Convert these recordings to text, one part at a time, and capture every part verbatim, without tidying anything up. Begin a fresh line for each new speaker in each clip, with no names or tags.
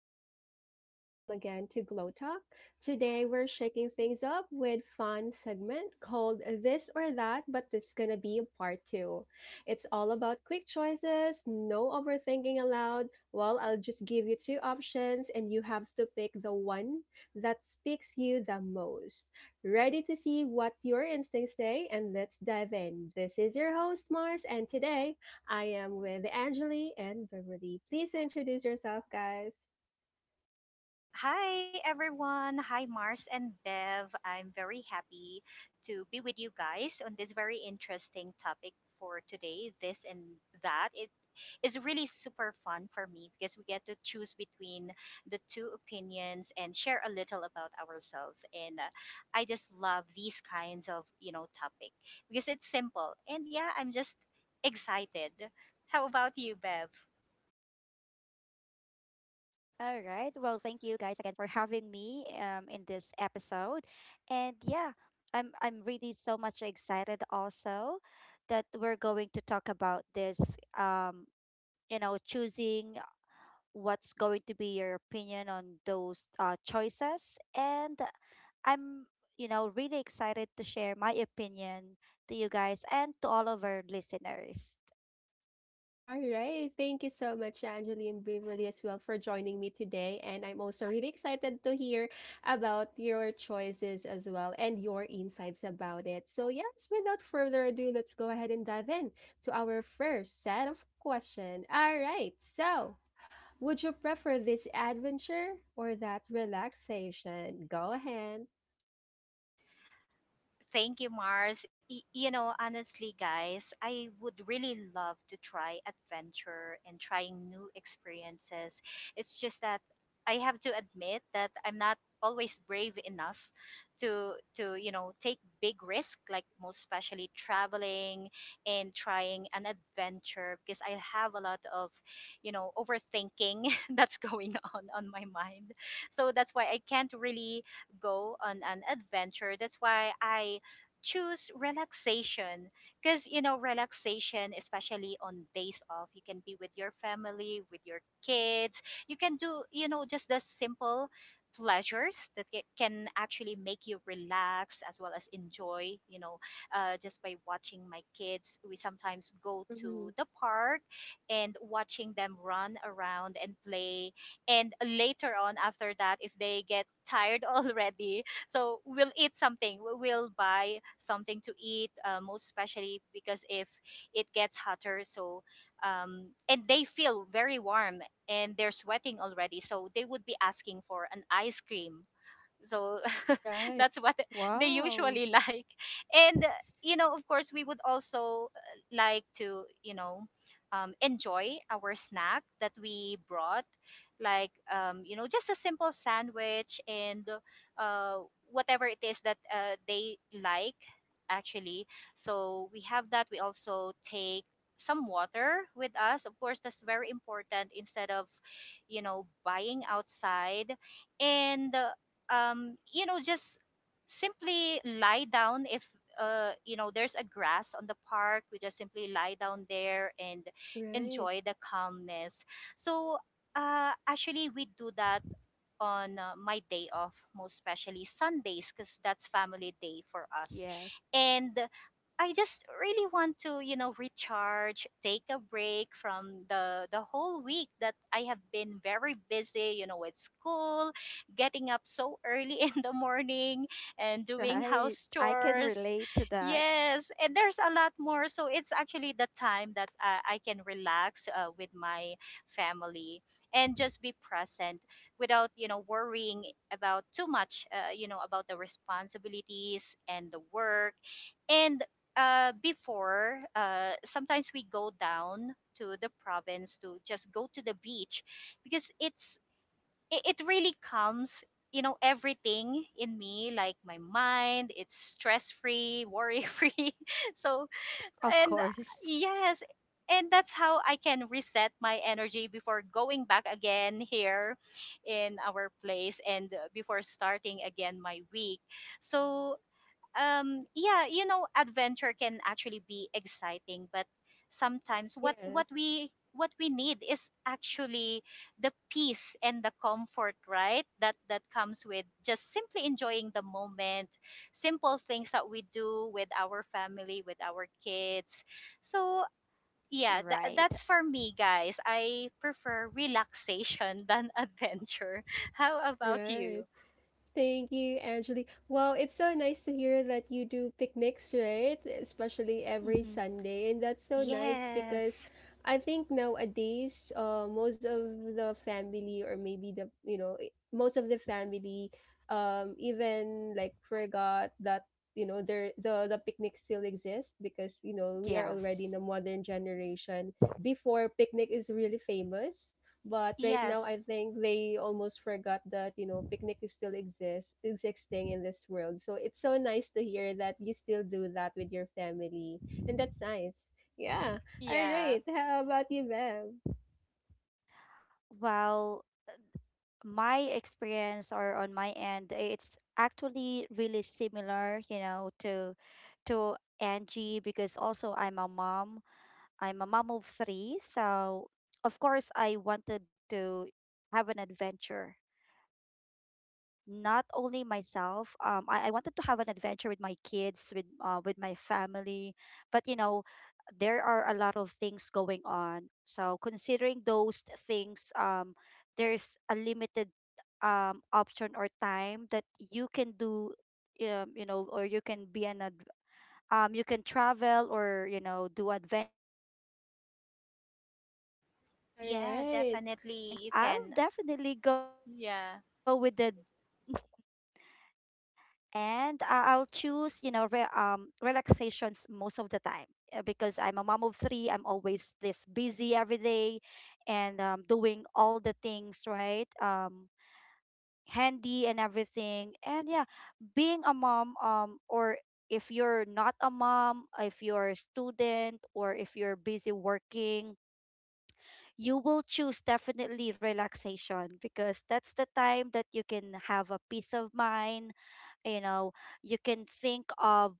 everyone, and welcome again to Glow Talk. Today, we're shaking things up with fun segment called This or That, but this is gonna be part two. It's all about quick choices, no overthinking allowed. Well, I'll just give you two options, and you have to pick the one that speaks you the most. Ready to see what your instincts say? And let's dive in. This is your host, Mars, and today I am with Angeli and Beverly. Please introduce yourself, guys.
Hi everyone. Hi Mars and Bev. I'm very happy to be with you guys on this very interesting topic for today. This and that. It is really super fun for me because we get to choose between the two opinions and share a little about ourselves. And uh, I just love these kinds of, you know, topic because it's simple. And yeah, I'm just excited. How about you, Bev?
All right. Well, thank you guys again for having me um in this episode. And yeah, I'm I'm really so much excited also that we're going to talk about this, um you know choosing what's going to be your opinion on those uh, choices. And I'm, you know, really excited to share my opinion to you guys and to all of our listeners.
All right. Thank you so much, Angeli and Beverly, as well, for joining me today. And I'm also really excited to hear about your choices as well and your insights about it. So, yes, without further ado, let's go ahead and dive in to our first set of questions. All right. So, would you prefer this adventure or that relaxation? Go ahead.
Thank you, Mars. Y- you know, honestly, guys, I would really love to try adventure and trying new experiences. It's just that I have to admit that I'm not always brave enough to to you know take big risk, like most especially traveling and trying an adventure, because I have a lot of, you know, overthinking that's going on on my mind, so that's why I can't really go on an adventure. That's why I choose relaxation, because you know, relaxation, especially on days off, you can be with your family, with your kids. You can do, you know, just the simple pleasures that ca- can actually make you relax as well as enjoy, you know, uh, just by watching my kids. We sometimes go to
Mhm.
the park and watching them run around and play, and later on after that, if they get tired already, so we'll eat something, we- will buy something to eat, uh, most especially because if it gets hotter, so um, and they feel very warm and they're sweating already, so they would be asking for an ice cream, so
Right.
that's what they
Wow.
usually like. And uh, you know, of course we would also, uh, like to, you know, um, enjoy our snack that we brought, like, um, you know, just a simple sandwich, and uh, whatever it is that uh, they like, actually. So we have that. We also take some water with us, of course. That's very important, instead of, you know, buying outside. And uh, um, You know, just simply lie down if, uh, you know, there's a grass on the park. We just simply lie down there and
Right.
enjoy the calmness. So, uh, actually, we do that on, uh, my day off, most especially Sundays, because that's family day for us.
Yes.
And I just really want to, you know, recharge, take a break from the the whole week that I have been very busy, you know, with school, getting up so early in the morning and doing
Right.
house
I can
chores.
relate to that.
Yes, and there's a lot more. So it's actually the time that, uh, I can relax, uh, with my family and just be present without, you know, worrying about too much, uh, you know, about the responsibilities and the work. And uh, before, uh, sometimes we go down to the province to just go to the beach, because it's, it, it really comes, you know, everything in me, like my mind, it's stress free, worry free so
Of
and uh,
course.
yes, and that's how I can reset my energy before going back again here in our place, and uh, before starting again my week. So um yeah, you know, adventure can actually be exciting, but sometimes what what
Yes.
we what we need is actually the peace and the comfort, right, that that comes with just simply enjoying the moment, simple things that we do with our family, with our kids. So yeah, tha-
Right.
that's for me, guys. I prefer relaxation than adventure. How about you?
Right. Thank you, Angeli. Wow, it's so nice to hear that you do picnics, right? Especially every
Mm-hmm.
Sunday. And that's so nice because
Yes.
I think nowadays, uh, most of the family or maybe the, you know, i- most of the family um even like forgot that, you know, there the the picnic still exists because, you know, we are already
Yes.
in a modern generation. Before picnic is really famous. But right now, I
Yes.
think they almost forgot that you know picnic is still exists existing in this world. So it's so nice to hear that you still do that with your family, and that's nice. Yeah. All
Yeah.
right. How about you, Bev?
Well, my experience, or on my end, it's actually really similar, you know, to to Angie, because also I'm a mom. I'm a mom of three, so of course I wanted to have an adventure, not only myself. um I, I wanted to have an adventure with my kids, with uh with my family, but, you know, there are a lot of things going on, so considering those things, um there's a limited um option or time that you can do, um, you know or you can be an ad- um you can travel, or, you know, do adventure with your family or friends,
All
um
Yeah,
something like
right.
that.
definitely you
So
can.
I'll definitely
Yeah.
go with the and I- I'll choose, you know, re- um, relaxations most of the time, uh, because I'm a mom of three. I'm always this busy every day and, um, doing all the things, right? Um, handy and everything. And yeah, being a mom, um, or if you're not a mom, if you're a student, or if you're busy working, you will choose definitely relaxation, because that's the time that you can have a peace of mind, you know, you can think of,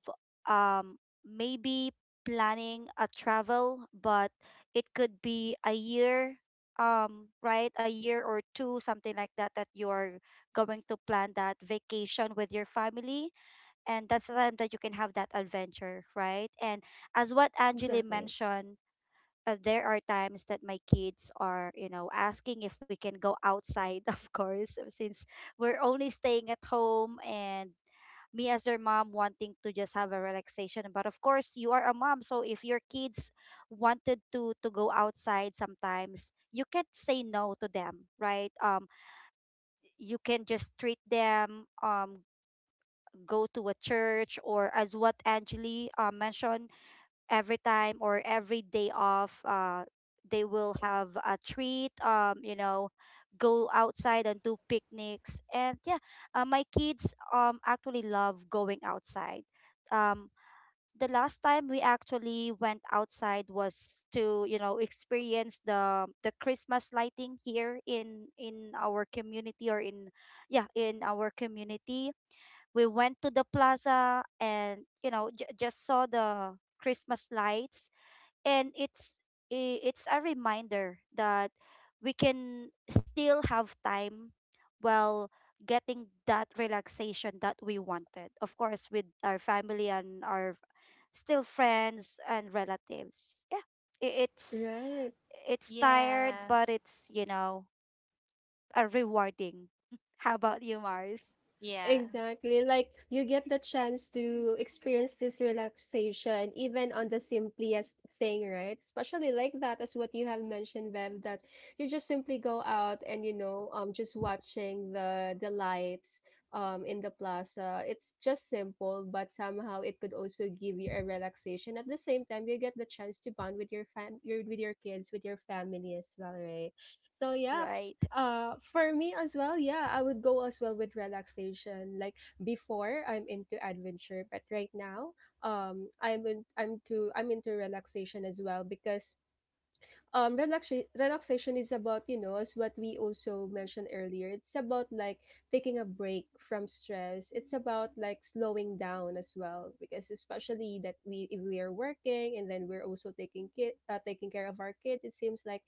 um maybe planning a travel, but it could be a year, um right, a year or two, something like that, that you're going to plan that vacation with your family. And that's the time that you can have that adventure, right? And as what Angeli
Exactly.
mentioned, uh, there are times that my kids are, you know, asking if we can go outside, of course, since we're only staying at home, and me as their mom wanting to just have a relaxation. But of course, you are a mom, so if your kids wanted to to go outside, sometimes you can't say no to them, right? um you can just treat them, um go to a church, or as what Angeli uh, mentioned, every time or every day off, uh they will have a treat, um you know, go outside and do picnics. And yeah, uh, my kids um actually love going outside. um the last time we actually went outside was to, you know, experience the the Christmas lighting here in in our community, or in — yeah, in our community, we went to the plaza, and, you know, j- just saw the Christmas lights. And it's i- it's a reminder that we can still have time while getting that relaxation that we wanted, of course, with our family and our still friends and relatives. Yeah, i- it's
Right.
it's tired,
Yeah.
but it's, you know, a rewarding. How about you, Mars?
Yeah.
Exactly. Like you get the chance to experience this relaxation even on the simplest thing, right? Especially like that as what you have mentioned, Bev, that you just simply go out and you know, um just watching the the lights um in the plaza. It's just simple, but somehow it could also give you a relaxation. At the same time, you get the chance to bond with your fam your with your kids, with your family as well, right? So yeah,
Right.
uh, for me as well, yeah, I would go as well with relaxation. Like before, I'm into adventure, but right now, um, I'm in, I'm to I'm into relaxation as well because um, relaxation relaxation is about you know as what we also mentioned earlier. It's about like taking a break from stress. It's about like slowing down as well because especially that we if we are working and then we're also taking kid uh, taking care of our kids, it seems like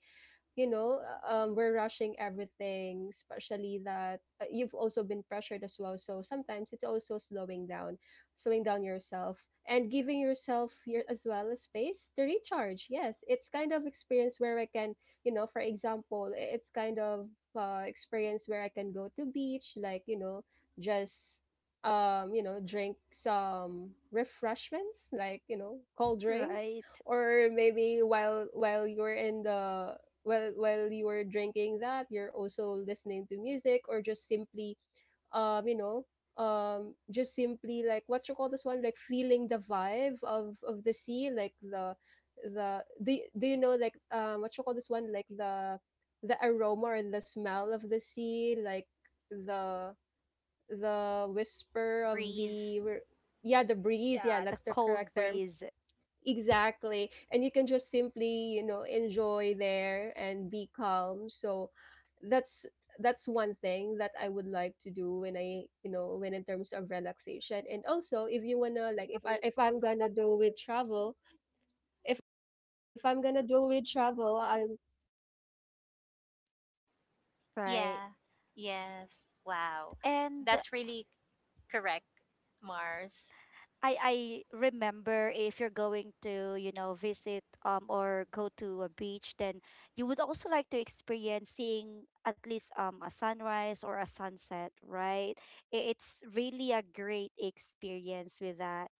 you know, uh, um, we're rushing everything, especially that uh, you've also been pressured as well. So sometimes it's also slowing down, slowing down yourself and giving yourself your, as well a space to recharge. Yes, it's kind of experience where I can, you know, for example, i- it's kind of uh, experience where I can go to beach, like, you know, just um you know drink some refreshments like you know cold drinks
Right.
or maybe while while you're in the while while you were drinking that you're also listening to music or just simply um you know um just simply like what you call this one like feeling the vibe of of the sea like the the do, do you know like um what you call this one like the the aroma and the smell of the sea like the the
The
whisper of
breeze.
the r- yeah the breeze yeah
Yeah, the
that's the
cold
correct term.
breeze.
Exactly. And you can just simply, you know, enjoy there and be calm. So that's that's one thing that I would like to do when I, you know, when in terms of relaxation. And also if you wanna like if I if I'm gonna do with travel, if if I'm gonna do with travel, I'm
Right.
Yeah. Yes. Wow.
And
That's really correct, Mars.
I I remember, if you're going to, you know, visit, um or go to a beach, then you would also like to experience seeing at least um a sunrise or a sunset, right? I- It's really a great experience with that.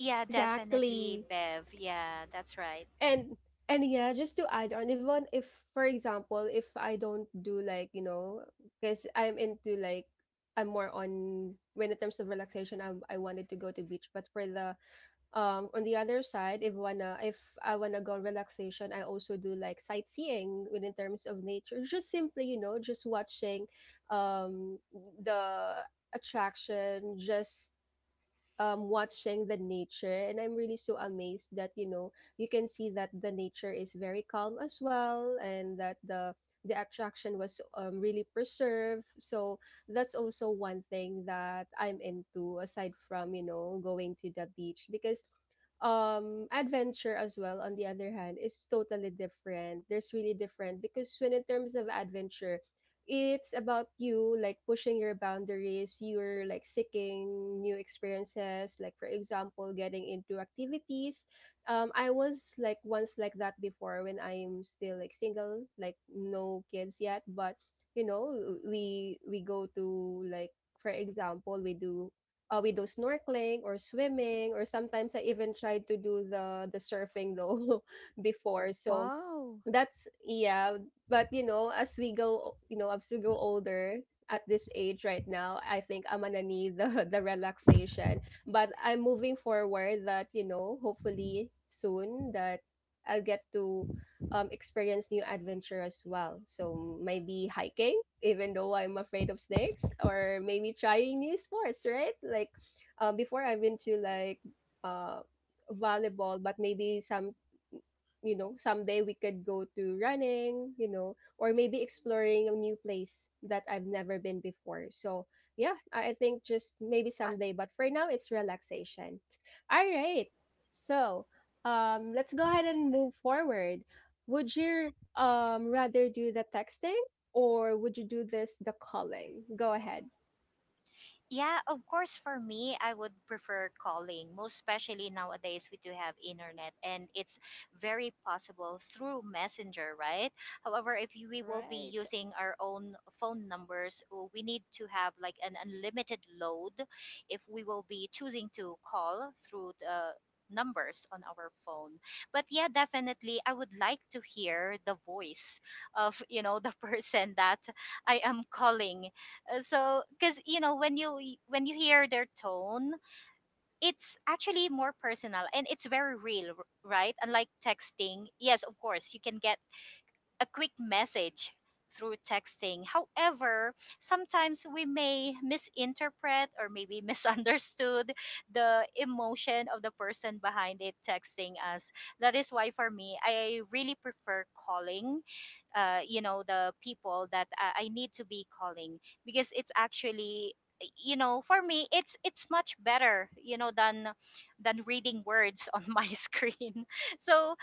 Yeah, definitely,
exactly
Bev. Yeah, that's right.
and and yeah just to add on even if for example if I don't do like you know because I'm into like I'm more on when in terms of relaxation I, I wanted to go to beach but for the um on the other side if wanna if I wanna go on relaxation I also do like sightseeing within terms of nature just simply you know just watching um the attraction just um watching the nature and I'm really so amazed that you know you can see that the nature is very calm as well and that the the attraction was um, really preserved so that's also one thing that I'm into aside from you know going to the beach because um adventure as well on the other hand is totally different there's really different because when in terms of adventure it's about you like pushing your boundaries you're like seeking new experiences like for example getting into activities um I was like once like that before when I'm still like single like no kids yet but you know we we go to like for example we do uh, we do snorkeling or swimming or sometimes I even tried to do the the surfing though before. So
Wow,
that's yeah, but you know, as we go, you know, as we go older at this age right now, I think I'm gonna need the the relaxation. But I'm moving forward that, you know, hopefully soon that I'll get to um experience new adventure as well. So maybe hiking, even though I'm afraid of snakes, or maybe trying new sports, right? Like um before I've been to like uh volleyball, but maybe some you know someday we could go to running you know or maybe exploring a new place that I've never been before so yeah i I think just maybe someday but for now it's relaxation. All right. So um let's go ahead and move forward. Would you um rather do the texting or would you do this the calling? Go ahead.
Yeah, of course, for me, I would prefer calling, most especially nowadays we do have internet and it's very possible through Messenger, right? However, if you- we will be
right.
using our own phone numbers, uh, we need to have like an unlimited load if we will be choosing to call through the numbers on our phone. But yeah, definitely I would like to hear the voice of, you know, the person that I am calling, uh, so because you know, when you when you hear their tone, it's actually more personal and it's very real, r- right? Unlike texting, yes, of course you can get a quick message through texting. However, sometimes we may misinterpret or maybe misunderstood the emotion of the person behind it texting us. That is why for me I really prefer calling, uh, you know, the people that I, I need to be calling, because it's actually, you know, for me, it's it's much better, you know, than than reading words on my screen. So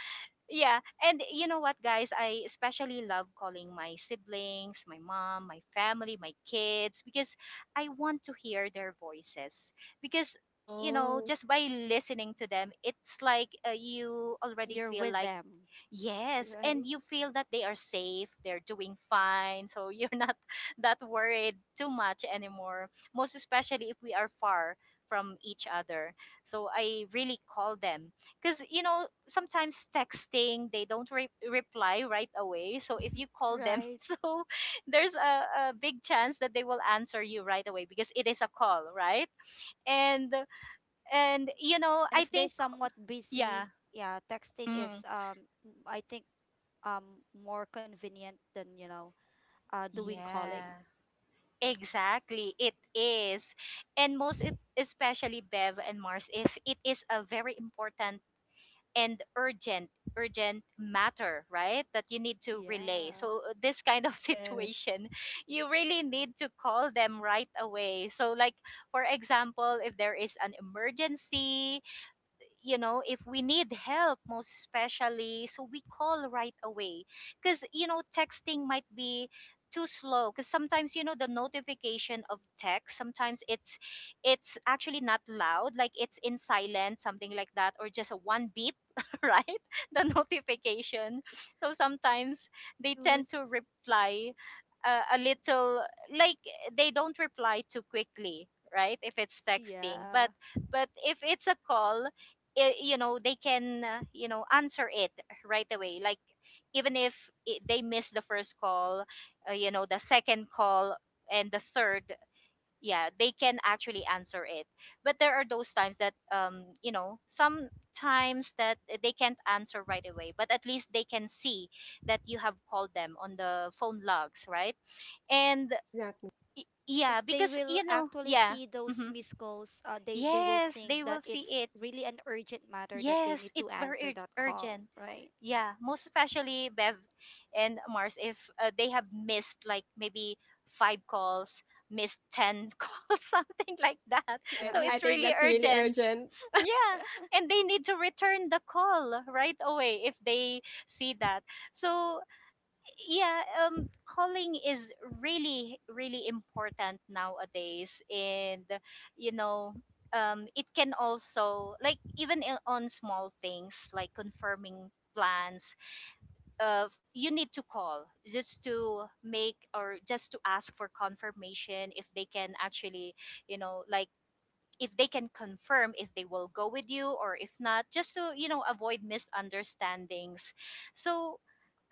yeah, and you know what guys, I especially love calling my siblings, my mom, my family, my kids, because I want to hear their voices, because, you know,
Oh,
just by listening to them, it's like, uh, you already
You're
feel
with
like—
them,
Yes,
right?
and you feel that they are safe, they're doing fine, so you're not that worried too much anymore, most especially if we are far from each other. So I really call them because, you know, sometimes texting, they don't re- reply right away. So if you call them,
Right.
so there's a, a big chance that they will answer you right away, because it is a call, right? And and you know,
And
I
if they're
think—
somewhat busy,
Yeah.
yeah, texting is,
Mm,
um m- I think, um more convenient than, you know, uh doing calling.
yeah. Exactly, it is. And most, e- especially Bev and Mars, if it is a very important and urgent, urgent matter, right, that you need to relay.
Yeah.
So, uh, this kind of
yes
situation, you really need to call them right away. So, like, for example, if there is an emergency, you know, if we need help, most especially, so we call right away, because you know, texting might be too slow, because sometimes, you know, the notification of text sometimes, it's it's actually not loud, like it's in silent, something like that, or just a one beep right, the notification. So sometimes they tend
Choose.
to reply, uh, a little, like they don't reply too quickly, right, if it's texting.
Yeah,
but but if it's a call, i- you know, they can, uh, you know, answer it right away, like, even if I they miss the first call, uh, you know, the second call and the third, yeah, they can actually answer it. But there are those times that, um you know, sometimes that, eh, they can't answer right away, but at least they can see that you have called them on the phone logs, right? And
exactly
y-
if
yeah,
they
because
will
you know,
actually
yeah.
see those
Hmm.
missed calls, uh, they they will
Yes,
think
they
that
will see
it's
it.
really an urgent matter that they need
Yes,
to
it's
answer
very
that
ur-
call,
urgent.
right?
Yeah, most especially Bev and Mars, if uh, they have missed like maybe five calls, missed ten calls, something like that.
right.
So
I
it's
right.
think
really
that's really
urgent.
urgent.
Yeah, and they need to return the call right away if they see that. So yeah, um calling is really really important nowadays, and you know, um it can also like, even i- on small things like confirming plans, uh you need to call just to make or just to ask for confirmation if they can actually, you know, like, if they can confirm if they will go with you, or if not, just to, you know, avoid misunderstandings. So,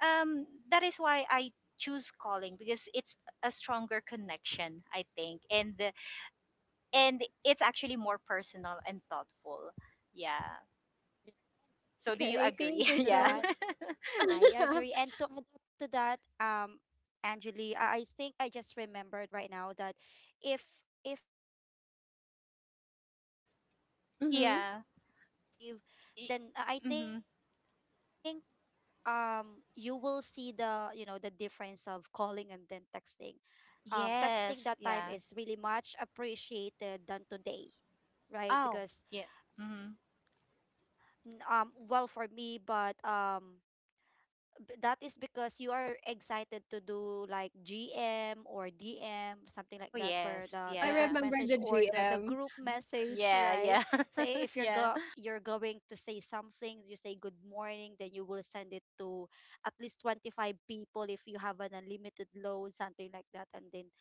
um that is why I choose calling, because it's a stronger connection, I think, and the—
Right.
and it's actually more personal and thoughtful. Yeah, so do you
Okay, thank
agree?
you
To
Yeah.
so
that. I agree. And to add up to that, um Angeli, I, I think I just remembered right now that if if we were like in our old days, right? um
much.
Yeah.
nineties, I believe.
E,
Then uh, I think
mm-hmm.
um you will see, the you know, the difference of calling and then texting. um texting that time is
Yes,
really
yeah.
much appreciated than today, right?
Oh,
Because
yeah. Mm-hmm.
n- um well, for me, but um b- that is because you are excited to do like G M or D M, something
Oh,
like that, per
yes,
Oh,
the
I
yeah.
direct
remember the
message or the the
G M.
group
Mm-hmm.
message,
Yeah, yeah.
right? So i- if you're
Yeah.
go you're going to say something, you say good morning, then you will send it to at least twenty-five people if you have an unlimited load, something like that, and then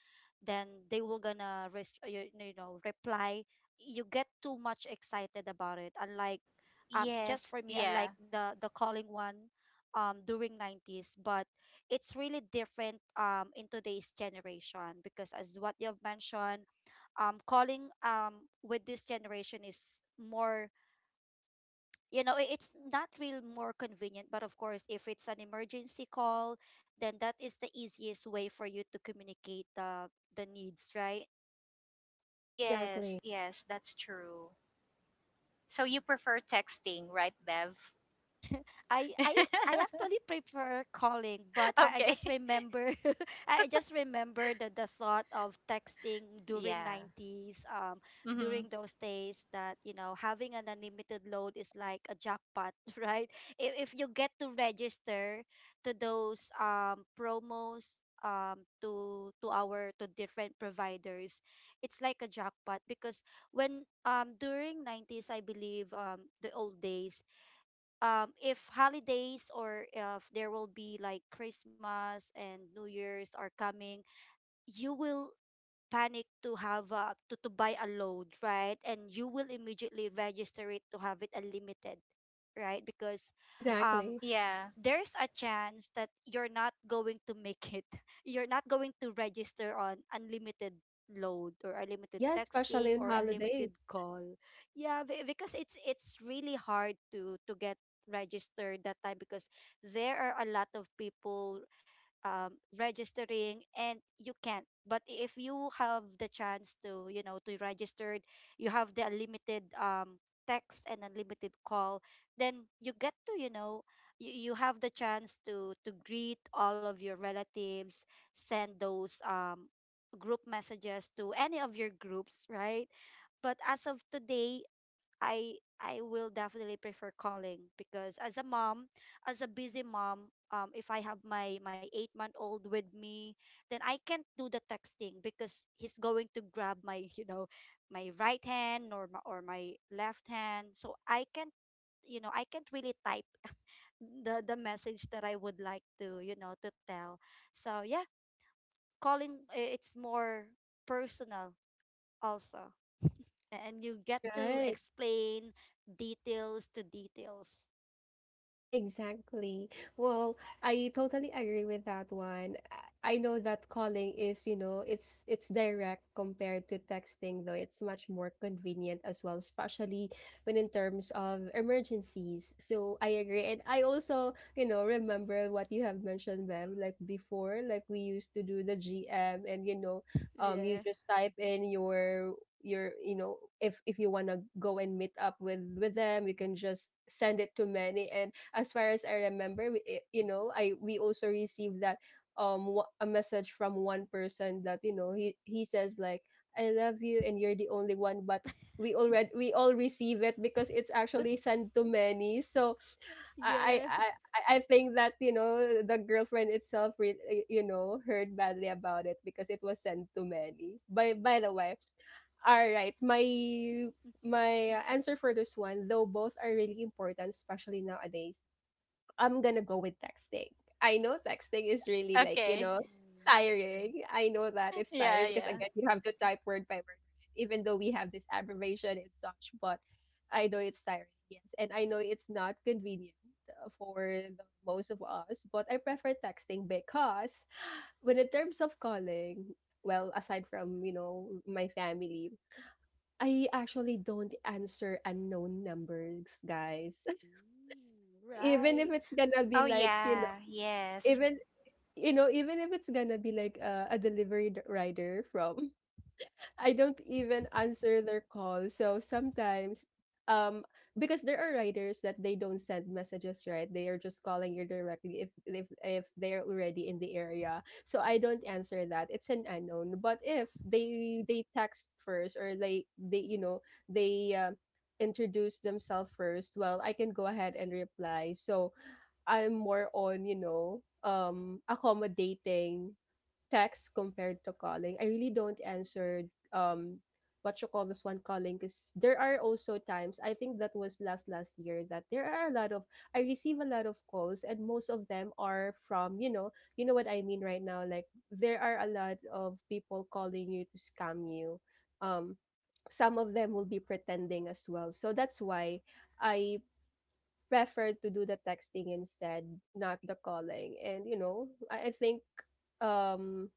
then they will gonna rest you, you know, reply. You get too much excited about it, unlike, um just
Yes,
for me,
yeah.
unlike the the calling one um during nineties. But it's really different um in today's generation, because as what you've mentioned, um calling, um with this generation, is more, you know, i- it's not real more convenient, but of course if it's an emergency call, then that is the easiest way for you to communicate the the needs, right?
Yes,
Exactly,
yes, that's true. So you prefer texting, right, Bev?
I I I actually prefer calling, but I, I
Okay.
just remember I just remember the the thought of texting during
Yeah.
nineties, um,
Mm-hmm.
during those days that, you know, having an unlimited load is like a jackpot, right? If if you get to register to those um promos, um to to our, to different providers, it's like a jackpot, because when, um during nineties, I believe, um the old days, um if holidays or if there will be like Christmas and New Year's are coming, you will panic to have, uh, to, to buy a load, right? And you will immediately register it to have it unlimited, right? Because um
exactly.
Yeah.
there's a chance that you're not going to make it. You're not going to register on unlimited load or unlimited
Yes,
texting
especially on
or unlimited
holidays,
call. Yeah, be- because it's it's really hard to to get registered that time, because there are a lot of people um, registering, and you can't. But if you have the chance to, you know, to register, you have the unlimited, um, text and unlimited call, then you get to, you know, you, you have the chance to to greet all of your relatives, send those, um, group messages to any of your groups, right? But as of today, I I will definitely prefer calling, because as a mom, as a busy mom, um, if I have my my eight month old with me, then I can't do the texting because he's going to grab my you know, my right hand, or my, or my left hand, so I can't, you know, I can't really type the the message that I would like to, you know, to tell. So yeah, calling, i- it's more personal also, and you get to
right?
explain details to details.
Exactly. Well, I totally agree with that one. I I know that calling is, you know, it's it's direct compared to texting, though it's much more convenient as well, especially when in terms of emergencies. So I agree. And I also, you know, remember what you have mentioned, Bev, like before, like we used to do the G M and you know, um you
Yeah.
just type in your your you know if if you want to go and meet up with with them you can just send it to many and as far as I remember, we, eh, you know, I we also received that um wa- a message from one person that you know he he says like I love you and you're the only one, but we already we all receive it because it's actually sent to many. So I
Yeah.
I I, I think that you know the girlfriend itself re- eh, you know heard badly about it because it was sent to many. By by the way, all right, my my uh, answer for this one, though both are really important, especially nowadays, I'm gonna go with texting. I know texting is really like, you
Okay.
know,
Mm.
tiring. I know that it's
Yeah,
tiring because
yeah.
again, you have to type word by word, right? Even though we have this abbreviation and such, but I know it's tiring, yes. And I know it's not convenient uh, for the most of us, but I prefer texting because when in terms of calling, well, aside from, you know, my family, I actually don't answer unknown numbers, guys.
Mm.
Even if
Right.
it's gonna be
Oh,
like, you know,
yeah. Yes.
even you know, even if it's gonna be like a, a delivery d- rider from, I don't even answer their call. So sometimes, um, because there are riders that they don't send messages, right? They are just calling you directly if if if they're already in the area. So I don't answer that. It's an unknown. But if they they text first or they they you know they um introduce themselves first, well, I can go ahead and reply. So I'm more on, you know, um accommodating text compared to calling. I really don't answer um what you call this one calling because there are also times I think that was last last year that there are a lot of I receive a lot of calls and most of them are from you know you know what I mean right now like there are a lot of people calling you to scam you um some of them will be pretending as well so that's why I preferred to do the texting instead, not the calling. And you know, I, I think um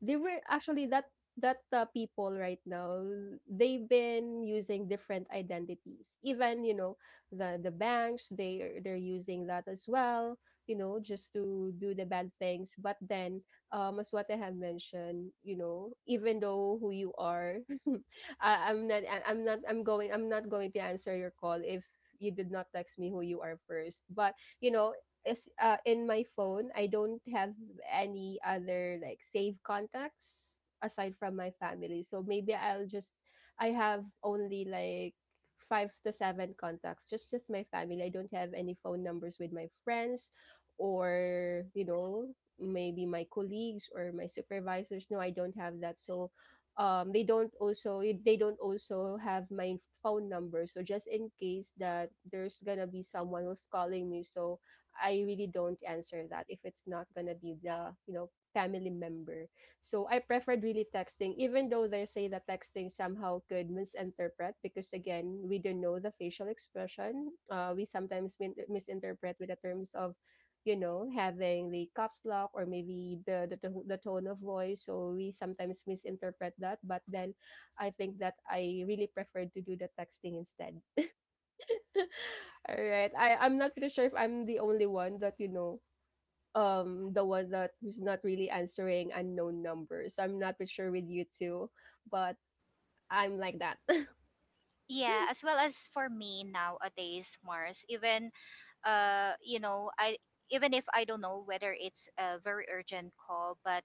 they were actually that that uh, people right now they've been using different identities, even you know, the the banks, they are- they're using that as well, you know, just to do the bad things. But then, um as what I have mentioned, you know, even though who you are, I, i'm not I- I'm not I'm going I'm not going to answer your call if you did not text me who you are first. But you know, is uh, in my phone I don't have any other like safe contacts aside from my family. So maybe I'll just, I have only like five to seven contacts, just just my family. I don't have any phone numbers with my friends or, you know, maybe my colleagues or my supervisors. No, I don't have that. So um they don't also they don't also have my phone number. So just in case that there's gonna be someone who's calling me. So I really don't answer that if it's not gonna be the, you know, family member. So I preferred really texting, even though they say that texting somehow could misinterpret, because again, we don't know the facial expression. Uh, we sometimes min- misinterpret with the terms of, you know, having the caps lock, or maybe the, the to- the tone of voice. So we sometimes misinterpret that. But then I think that I really preferred to do the texting instead. All right. I I'm not pretty sure if I'm the only one that, you know, um the one that who's not really answering unknown numbers. I'm not pretty sure with you too, but I'm like that.
Yeah. As well as for me nowadays, Mars, even, uh you know, I even if I don't know whether it's a very urgent call, but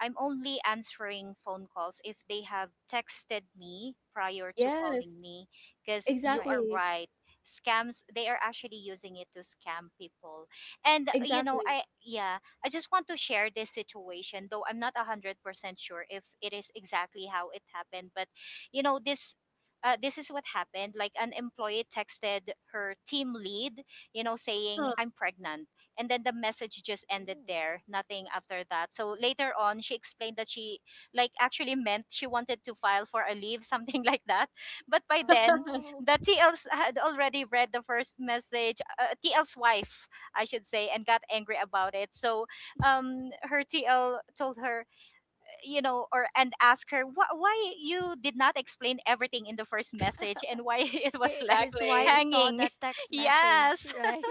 I'm only answering phone calls if they have texted me prior to
Yes.
calling me, because you are
Right.
Exactly.
right, scams, they are actually using it to scam people. And you know,
Exactly.
I, yeah, I just want to share this situation, though I'm not one hundred percent sure if it is exactly how it happened, but you know, this, uh, this is what happened. Like, an employee texted her team lead, you know, saying,
Uh,
"I'm pregnant." And then the message just ended
Ooh.
there, nothing after that. So later on, she explained that she, like, actually meant she wanted to file for a leave, something like that. But by then,
Oh.
the T Ls had already read the first message, uh, T L's wife, I should say, and got angry about it. So, um, her T L told her, you know, or and asked her, "Wh- why you did not explain everything in the first message, and why it was
Hi-
left
His wife
exactly.
saw
hanging?"
that text message,
Yes.
right?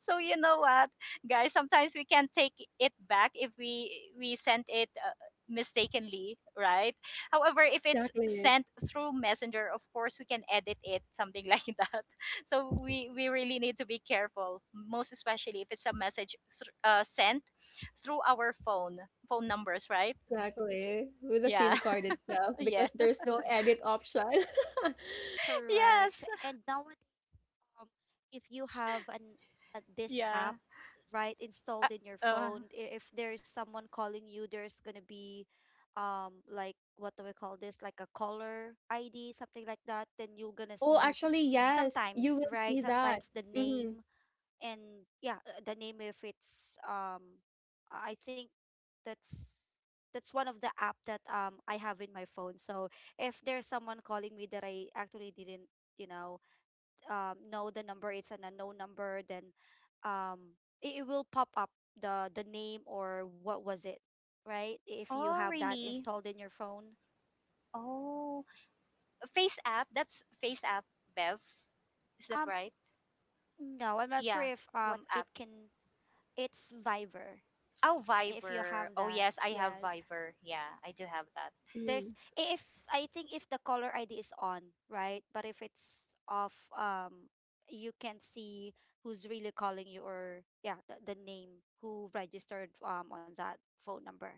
So you know what, guys? Sometimes we can take it back if we we sent it, uh, mistakenly, right? However, if it's
Exactly.
sent through Messenger, of course we can edit it, something like that. So we we really need to be careful, most especially if it's a message thr uh, sent through our phone phone numbers, right?
Exactly. With the
Yeah,
SIM card itself,
yeah,
because there's no edit option.
Correct.
yes,
And now, um, if you have an uh, this
yeah.
app, right,
Uh,
installed in your
uh,
phone, i- if there's someone calling you, there's gonna be, um like, what do we call this? Like a caller I D, something like that. Then you're gonna
Oh,
see
actually, yes, you
sometimes,
will
right?
see that.
Sometimes the
Mm-hmm.
name, and yeah, uh, the name if it's, um, I think that's that's one of the app that um I have in my phone. So if there's someone calling me that I actually didn't, you know, um, know the number, it's an unknown number, then um, it, it will pop up the the name, or what was it, right? If you
oh,
have that
really?
installed in your phone.
Oh, Face app. That's Face app, Bev. Is that
Um,
right?
no, I'm not sure
Yeah.
if
What
um
app?
it can. It's Viber.
Oh,
If you
Viber.
have
Oh,
that,
yes, I have
yes.
Viber. Yeah, I do have that.
Mm-hmm.
There's, if — I think if the caller I D is on, right? But if it's off, um, you can see who's really calling you, or yeah, the, the name who registered um on that phone number.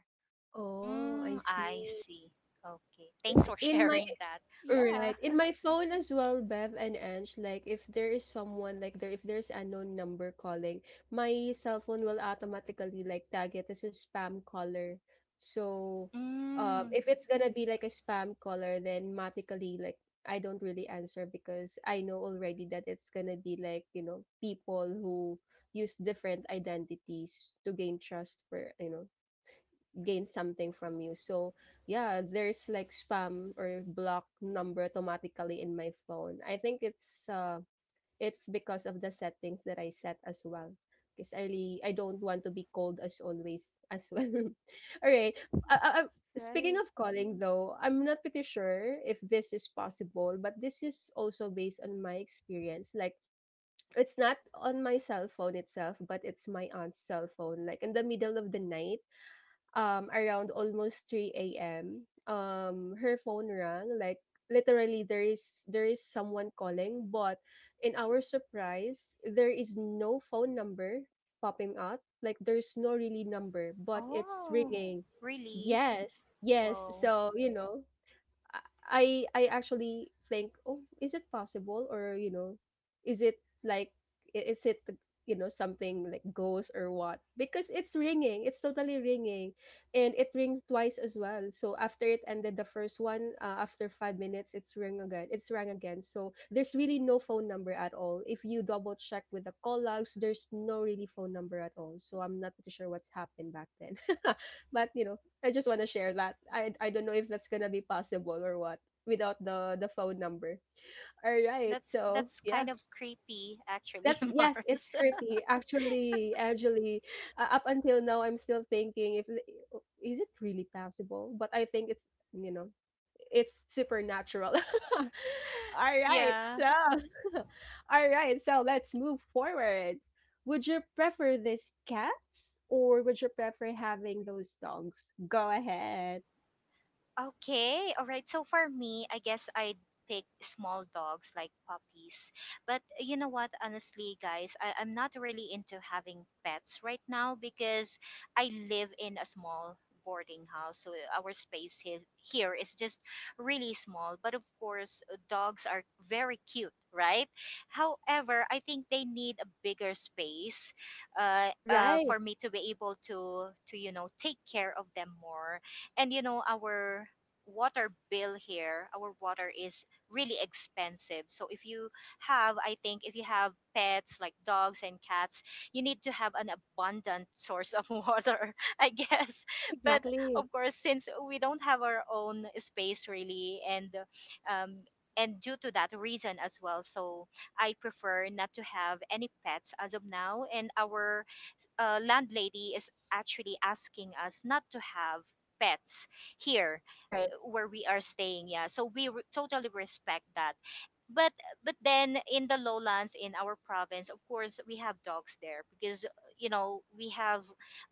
Oh,
Mm,
I
I
see.
see. Okay.
W-
Thanks for
In my,
sharing that.
Yeah,
right. In my phone as well, Bev and Ange, like if there is someone like there if there's unknown number calling, my cell phone will automatically like tag it as a spam caller. So um
Mm.
if it's gonna be like a spam caller, then automatically like I don't really answer, because I know already that it's gonna be like, you know, people who use different identities to gain trust for, you know, gain something from you. So yeah, there's like spam or block number automatically in my phone. I think it's uh it's because of the settings that I set as well. Because I really, I don't want to be called as always as well. All right. Uh, uh, uh, speaking
right.
of calling though, I'm not pretty sure if this is possible, but this is also based on my experience. Like it's not on my cell phone itself, but it's my aunt's cell phone. Like in the middle of the night, um, around almost three a m. Um, her phone rang. Like literally, there is there is someone calling, but in our surprise, there is no phone number popping up. Like there's no really number, but it's
Oh,
Oh,
ringing.
really?
Yes, yes.
Whoa.
So you know, I I actually think, oh, is it possible? Or you know, is it like, i- is it you know, something like ghost or what? Because it's ringing, it's totally ringing, and it rings twice as well. So after it ended the first one, uh, after five minutes, it's ring again. It's rang again. So there's really no phone number at all. If you double check with the call logs, there's no really phone number at all. So I'm not pretty sure what's happened back then, but you know, I just want to share that. I I don't know if that's gonna be possible or what without the the phone number. All right.
That's
So
that's
yeah,
kind of creepy, actually,
that's, yes, it's
Mars.
creepy. Actually, actually, uh, up until now, I'm still thinking if the- is it really possible. But I think it's, you know, it's supernatural. All right.
yeah.
So all right. So let's move forward. Would you prefer these cats, or would you prefer having those dogs? Go ahead.
Okay, all right. So for me, I guess I'd pick small dogs like puppies. But you know what, honestly, guys, I, I'm not really into having pets right now because I live in a small boarding house. So our space is, here is just really small. But of course, uh, dogs are very cute, right? However, I think they need a bigger space uh, uh,
Right,
for me to be able to, to, you know, take care of them more, and you know our water bill here, our water is really expensive. So if you have, I think if you have pets like dogs and cats, you need to have an abundant source of water, I guess. But
exactly.
of course, since we don't have our own space really, and um, and due to that reason as well, so I prefer not to have any pets as of now, and our uh, landlady is actually asking us not to have pets here
Right.
uh, where we are staying. Yeah, so we re- totally respect that, but but then in the lowlands in our province, of course, we have dogs there because, you know, we have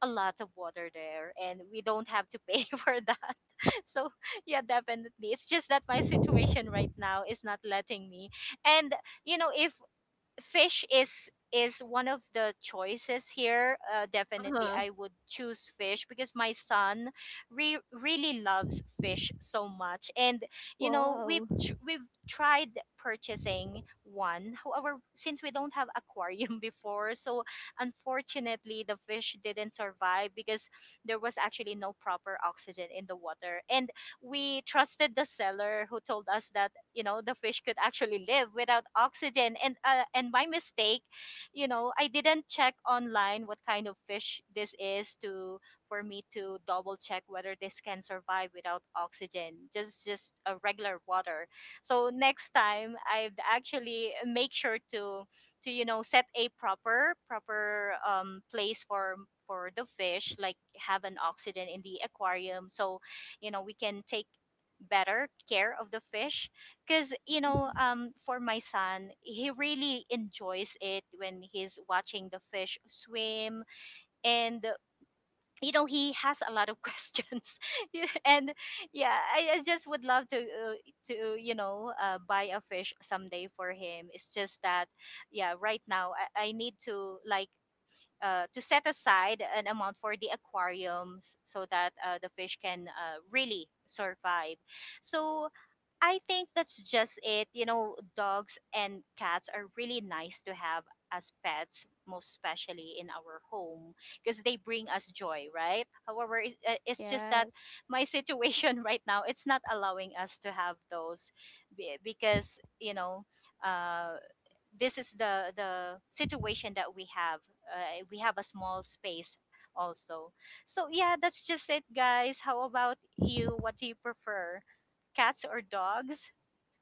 a lot of water there and we don't have to pay for that. So yeah, definitely, it's just that my situation right now is not letting me. And you know, if fish is is one of the choices here, uh, definitely
Uh-huh.
I would choose fish because my son re- really loves fish so much. And you know, we've
wow.
tr- we've tried purchasing one. However, since we don't have aquarium before, so unfortunately the fish didn't survive because there was actually no proper oxygen in the water, and we trusted the seller who told us that, you know, the fish could actually live without oxygen. And uh, and my mistake, you know, I didn't check online what kind of fish this is to, for me to double check whether this can survive without oxygen, just just a regular water. So next time I'd actually make sure to to you know, set a proper proper um place for for the fish, like have an oxygen in the aquarium. So you know, we can take better care of the fish, because, you know, um
Mhm.
for my son, he really enjoys it when he's watching the fish swim, and uh, you know, he has a lot of questions. Yeah, and yeah, I, I just would love to uh, to, you know, uh, buy a fish someday for him. It's just that, yeah, right now, i, I need to like uh, to set aside an amount for the aquariums so that, uh, the fish can, uh, really survive. So I think that's just it. You know, dogs and cats are really nice to have as pets, most especially in our home, because they bring us joy, right? However, it- uh, it's just that my
Yes.
situation right now, it's not allowing us to have those, be- because, you know, uh, this is the the situation that we have. uh, we have a small space also. So yeah, that's just it, guys. How about you? What do you prefer, cats or dogs?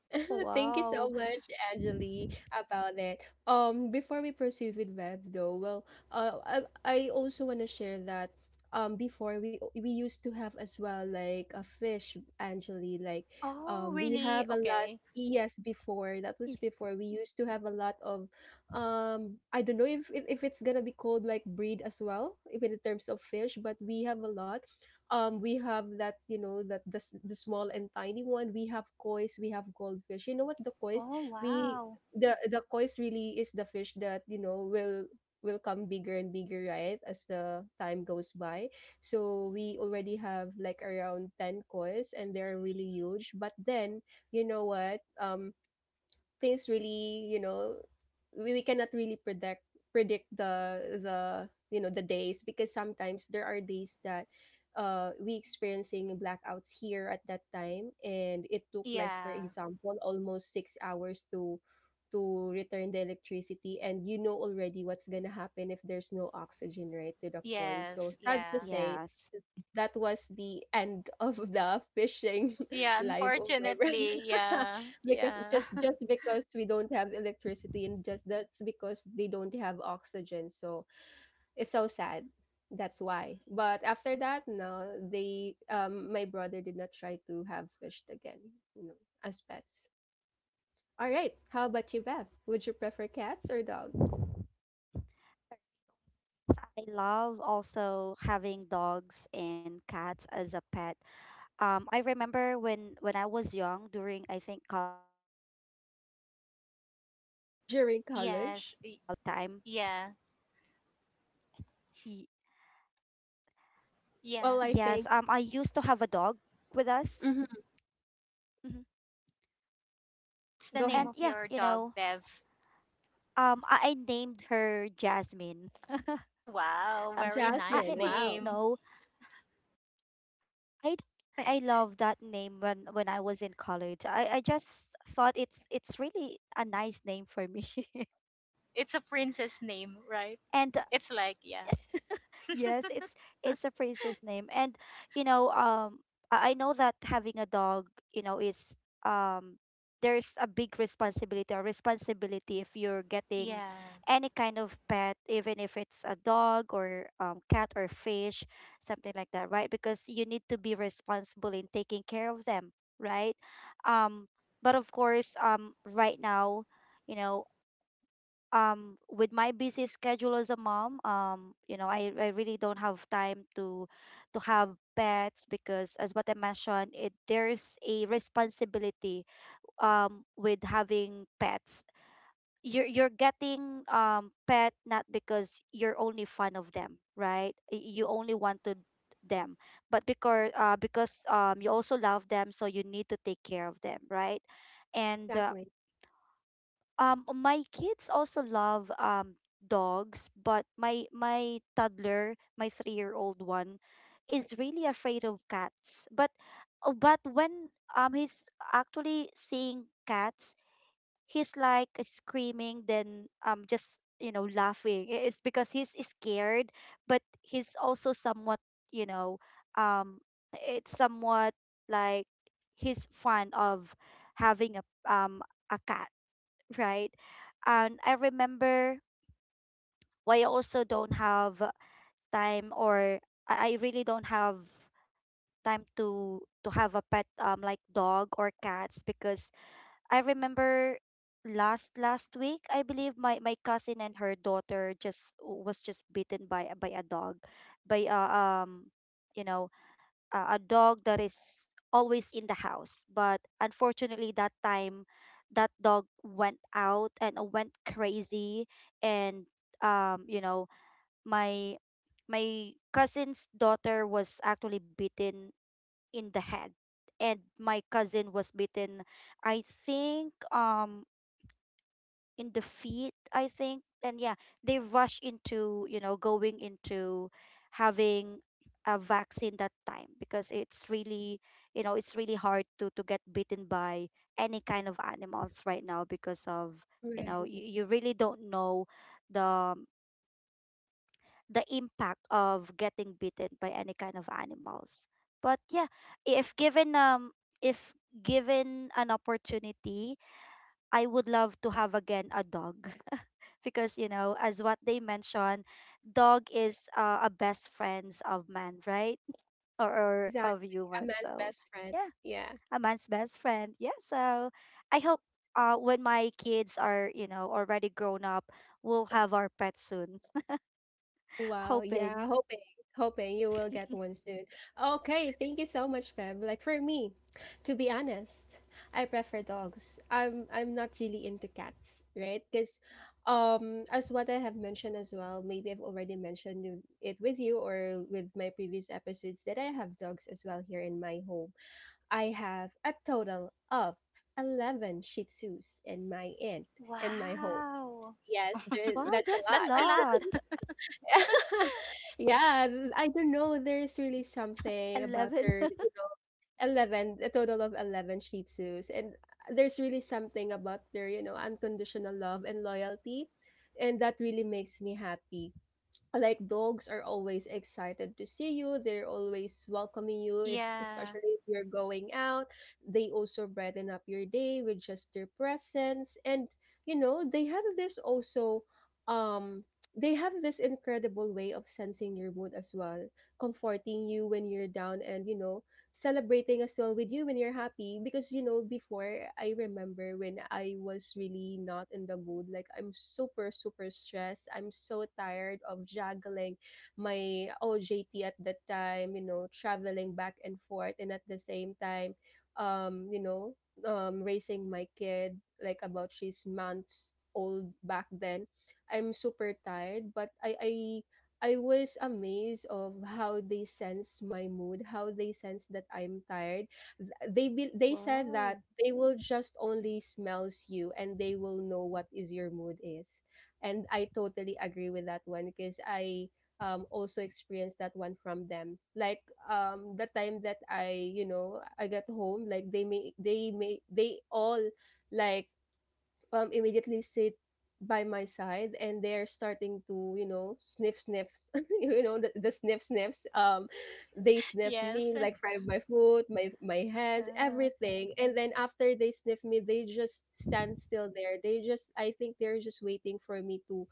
Thank you so much,
Wow.
Angeli, about it. Um, before we proceed with web though, well, uh, I, I also want to share that um before we we used to have as well like a fish, Angeli, like
Oh,
um we
really?
have a lot.
Okay.
Yes, before that was before we used to
It's,
have a lot of, um, I don't know if it, if it's gonna be called like breed as well, even in terms of fish, but we have a lot. um we have that, you know, that the, s- the small and tiny one, we have koi's, we have goldfish. You know what the koi's,
Oh,
we
wow.
the the koi's really is the fish that, you know, will will come bigger and bigger, right, as the time goes by. So we already have like around ten koi's and they're really huge. But then, you know what, um things really, you know, we, we cannot really predict predict the the you know, the days, because sometimes there are days that uh we experiencing blackouts here at that time, and it took like for
Yeah.
example almost six hours to to return the electricity. And you know already what's gonna happen if there's no oxygen, right, to the coil. So
Yes.
sad to
Yeah,
say, that was
yes.
the end of the fishing
yeah.
life of my brother.
Unfortunately, yeah,
Because
yeah.
just just because we don't have electricity, and just that's because they don't have oxygen. So it's so sad. That's why. But after that, no, they, um my brother did not try to have fished again, you know, as pets. All right. How about you, Beth? Would you prefer cats or dogs?
I love also having dogs and cats as a pet. Um, I remember when when I was young during, I think, college, um,
During
when we were
Yes.
college,
Y-
in Nueva Vizcaya at
yeah.
that time. Y-
Yeah.
well, I
yes,
think,
um, I used to have a dog with
mhm.
us. Mhm.
What's the
Go
name
ahead.
of your dog,
And
Bev?
yeah, you know, um, I, I named her
Oh,
Jasmine.
wow, very
Jasmine,
nice
wow.
name.
uh, I, I don't know. I don't know why I love that name when when I was in college. I I just thought it's it's really a nice name for me.
It's a princess name, right?
and
It's like, yeah.
yes, it's it's a princess name, and you know, um, I I know that having a dog, you know, is, um, there's a big responsibility, or responsibility, if you're getting
Yeah.
any kind of pet, even if it's a dog or, um, cat or fish, something like that, right? Because you need to be responsible in taking care of them, right? Um, but of course, um, right now, you know um with my busy schedule as a mom, um you know, I, I really don't have time to to have pets because as what I mentioned it, there's a responsibility um with having pets. You're you're getting um pet not because you're only fond of them, right? Y- you only wanted them, but because uh because um you also love them, so you need to take care of them, right? and uh,
Exactly.
um, My kids also love um dogs, but my my toddler, my three-year-old one, is really afraid of cats. But oh, but when um he's actually seeing cats, he's like screaming, then um just you know laughing. I- It's because he's scared, but he's also somewhat you know um it's somewhat like he's fond of having a um a cat, right? And I remember why I also don't have time or I I really don't have time to to have a pet um like dog or cats because I remember last last week, I believe, my my cousin and her daughter just was just bitten by a- by a dog, by uh, um you know uh, a dog that is always in the house. But unfortunately, that time, that dog went out and uh, went crazy. And um, you know, my my cousin's daughter was actually beaten in the head, and my cousin was beaten, I think, um in the feet, I think. And yeah, they rush into, you know, going into having a vaccine that time because it's really, you know, it's really hard to to get bitten by any kind of animals right now because of, you know, you, you really don't know the the impact of getting bitten by any kind of animals. But yeah, if given um if given an opportunity, I would love to have again a dog. Because you know, as what they mentioned, dog is uh, a best friends of man, right? Or, or of
Exactly,
human,
a man's
so
best friend.
yeah,
Yeah.
a man's best friend, yeah, so I hope uh, when my kids are, you know, already grown up, we'll have our pet soon.
Wow,
Hoping.
yeah, hoping, hoping you will get one soon. Okay, thank you so much, Feb. Like for me, to be honest, I prefer dogs. I'm I'm not really into cats, right? Because um as what I have mentioned as well, maybe I've already mentioned you- it with you or with my previous episodes, that I have dogs as well here in my home. I have a total of eleven Shih Tzus in my end in my home.
Wow.
Yes, there
Wow,
that's a
that's a
lot.
That's a lot.
lot.
Yeah, th- I don't know. There's really something about
eleven.
their, you know, eleven, a total of eleven Shih Tzus. And uh, there's really something about their, you know, unconditional love and loyalty. And that really makes me happy. Like dogs are always excited to see you, they're always welcoming you if,
Yeah.
especially if you're going out. They also brighten up your day with just their presence. And you know, they have this also, um they have this incredible way of sensing your mood as well, comforting you when you're down, and you know, celebrating as well with you when you're happy. Because you know, before, I remember when I was really not in the mood, like I'm super super stressed, I'm so tired of juggling my O J T at that time, you know, traveling back and forth. And at the same time, um you know, um raising my kid like about she's months old back then, I'm super tired. But i i I was amazed of how they sense my mood, how they sense that I'm tired. Th- They be- they said that
Wow.
they will just only smells you, and they will know what is your mood is. And I totally agree with that one. Because I, um also experienced that one from them. Like um the time that I, you know, I got home, like they may they may they all like, um, immediately sit by my side. And they're starting to, you know, sniff sniffs you know, the, the sniff sniffs. um they sniff
Yes.
me like from my foot, my my hands,
Yeah,
everything. And then after they sniff me, they just stand still there, they just, I think they're just waiting for me to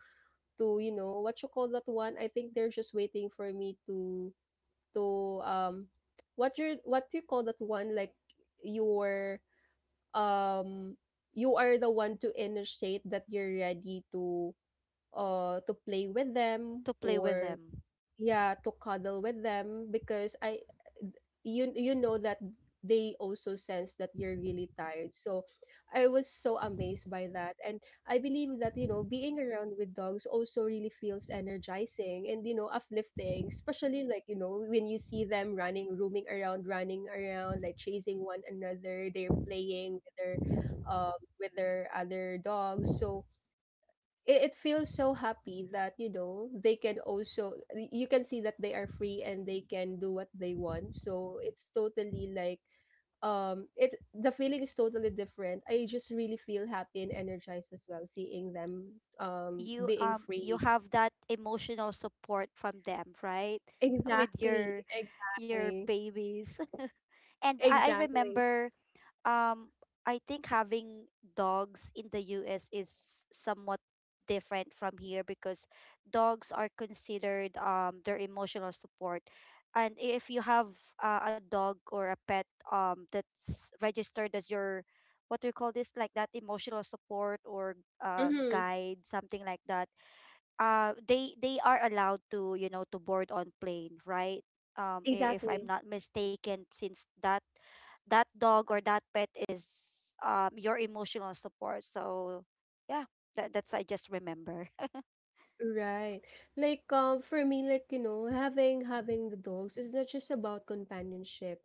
to you know, what you call that one. I think they're just waiting for me to to um what you, what do you call that one, like your um you are the one to initiate that you're ready to, uh to play with them,
to play with
or
them.
yeah, to cuddle with them. Because I you you know that they also sense that you're really tired. So I was so amazed by that. And I believe that, you know, being around with dogs also really feels energizing, and you know, uplifting, especially like, you know, when you see them running, roaming around, running around, like chasing one another. They're playing with their, um with their other dogs. So it, it feels so happy that, you know, they can also y- you can see that they are free, and they can do what they want. So it's totally like, um it, the feeling is totally different. I just really feel happy and energized as well seeing them, um
You
being
um you
free.
have that emotional support from them, right? With
Exactly,
your your
exactly,
babies. And I, I
exactly.
remember, um I think having dogs in the U S is somewhat different from here because dogs are considered um their emotional support. And if you have uh, a dog or a pet um that's registered as your what do you call this, like that emotional support or uh
Mm-hmm.
guide, something like that, uh they they are allowed to, you know, to board on plane, right? um i- if I'm
Exactly.
not mistaken, since that that dog or that pet is um your emotional support, so yeah, that, that's, I just remember.
Right. Like um for me, like, you know, having having the dogs is not just about companionship.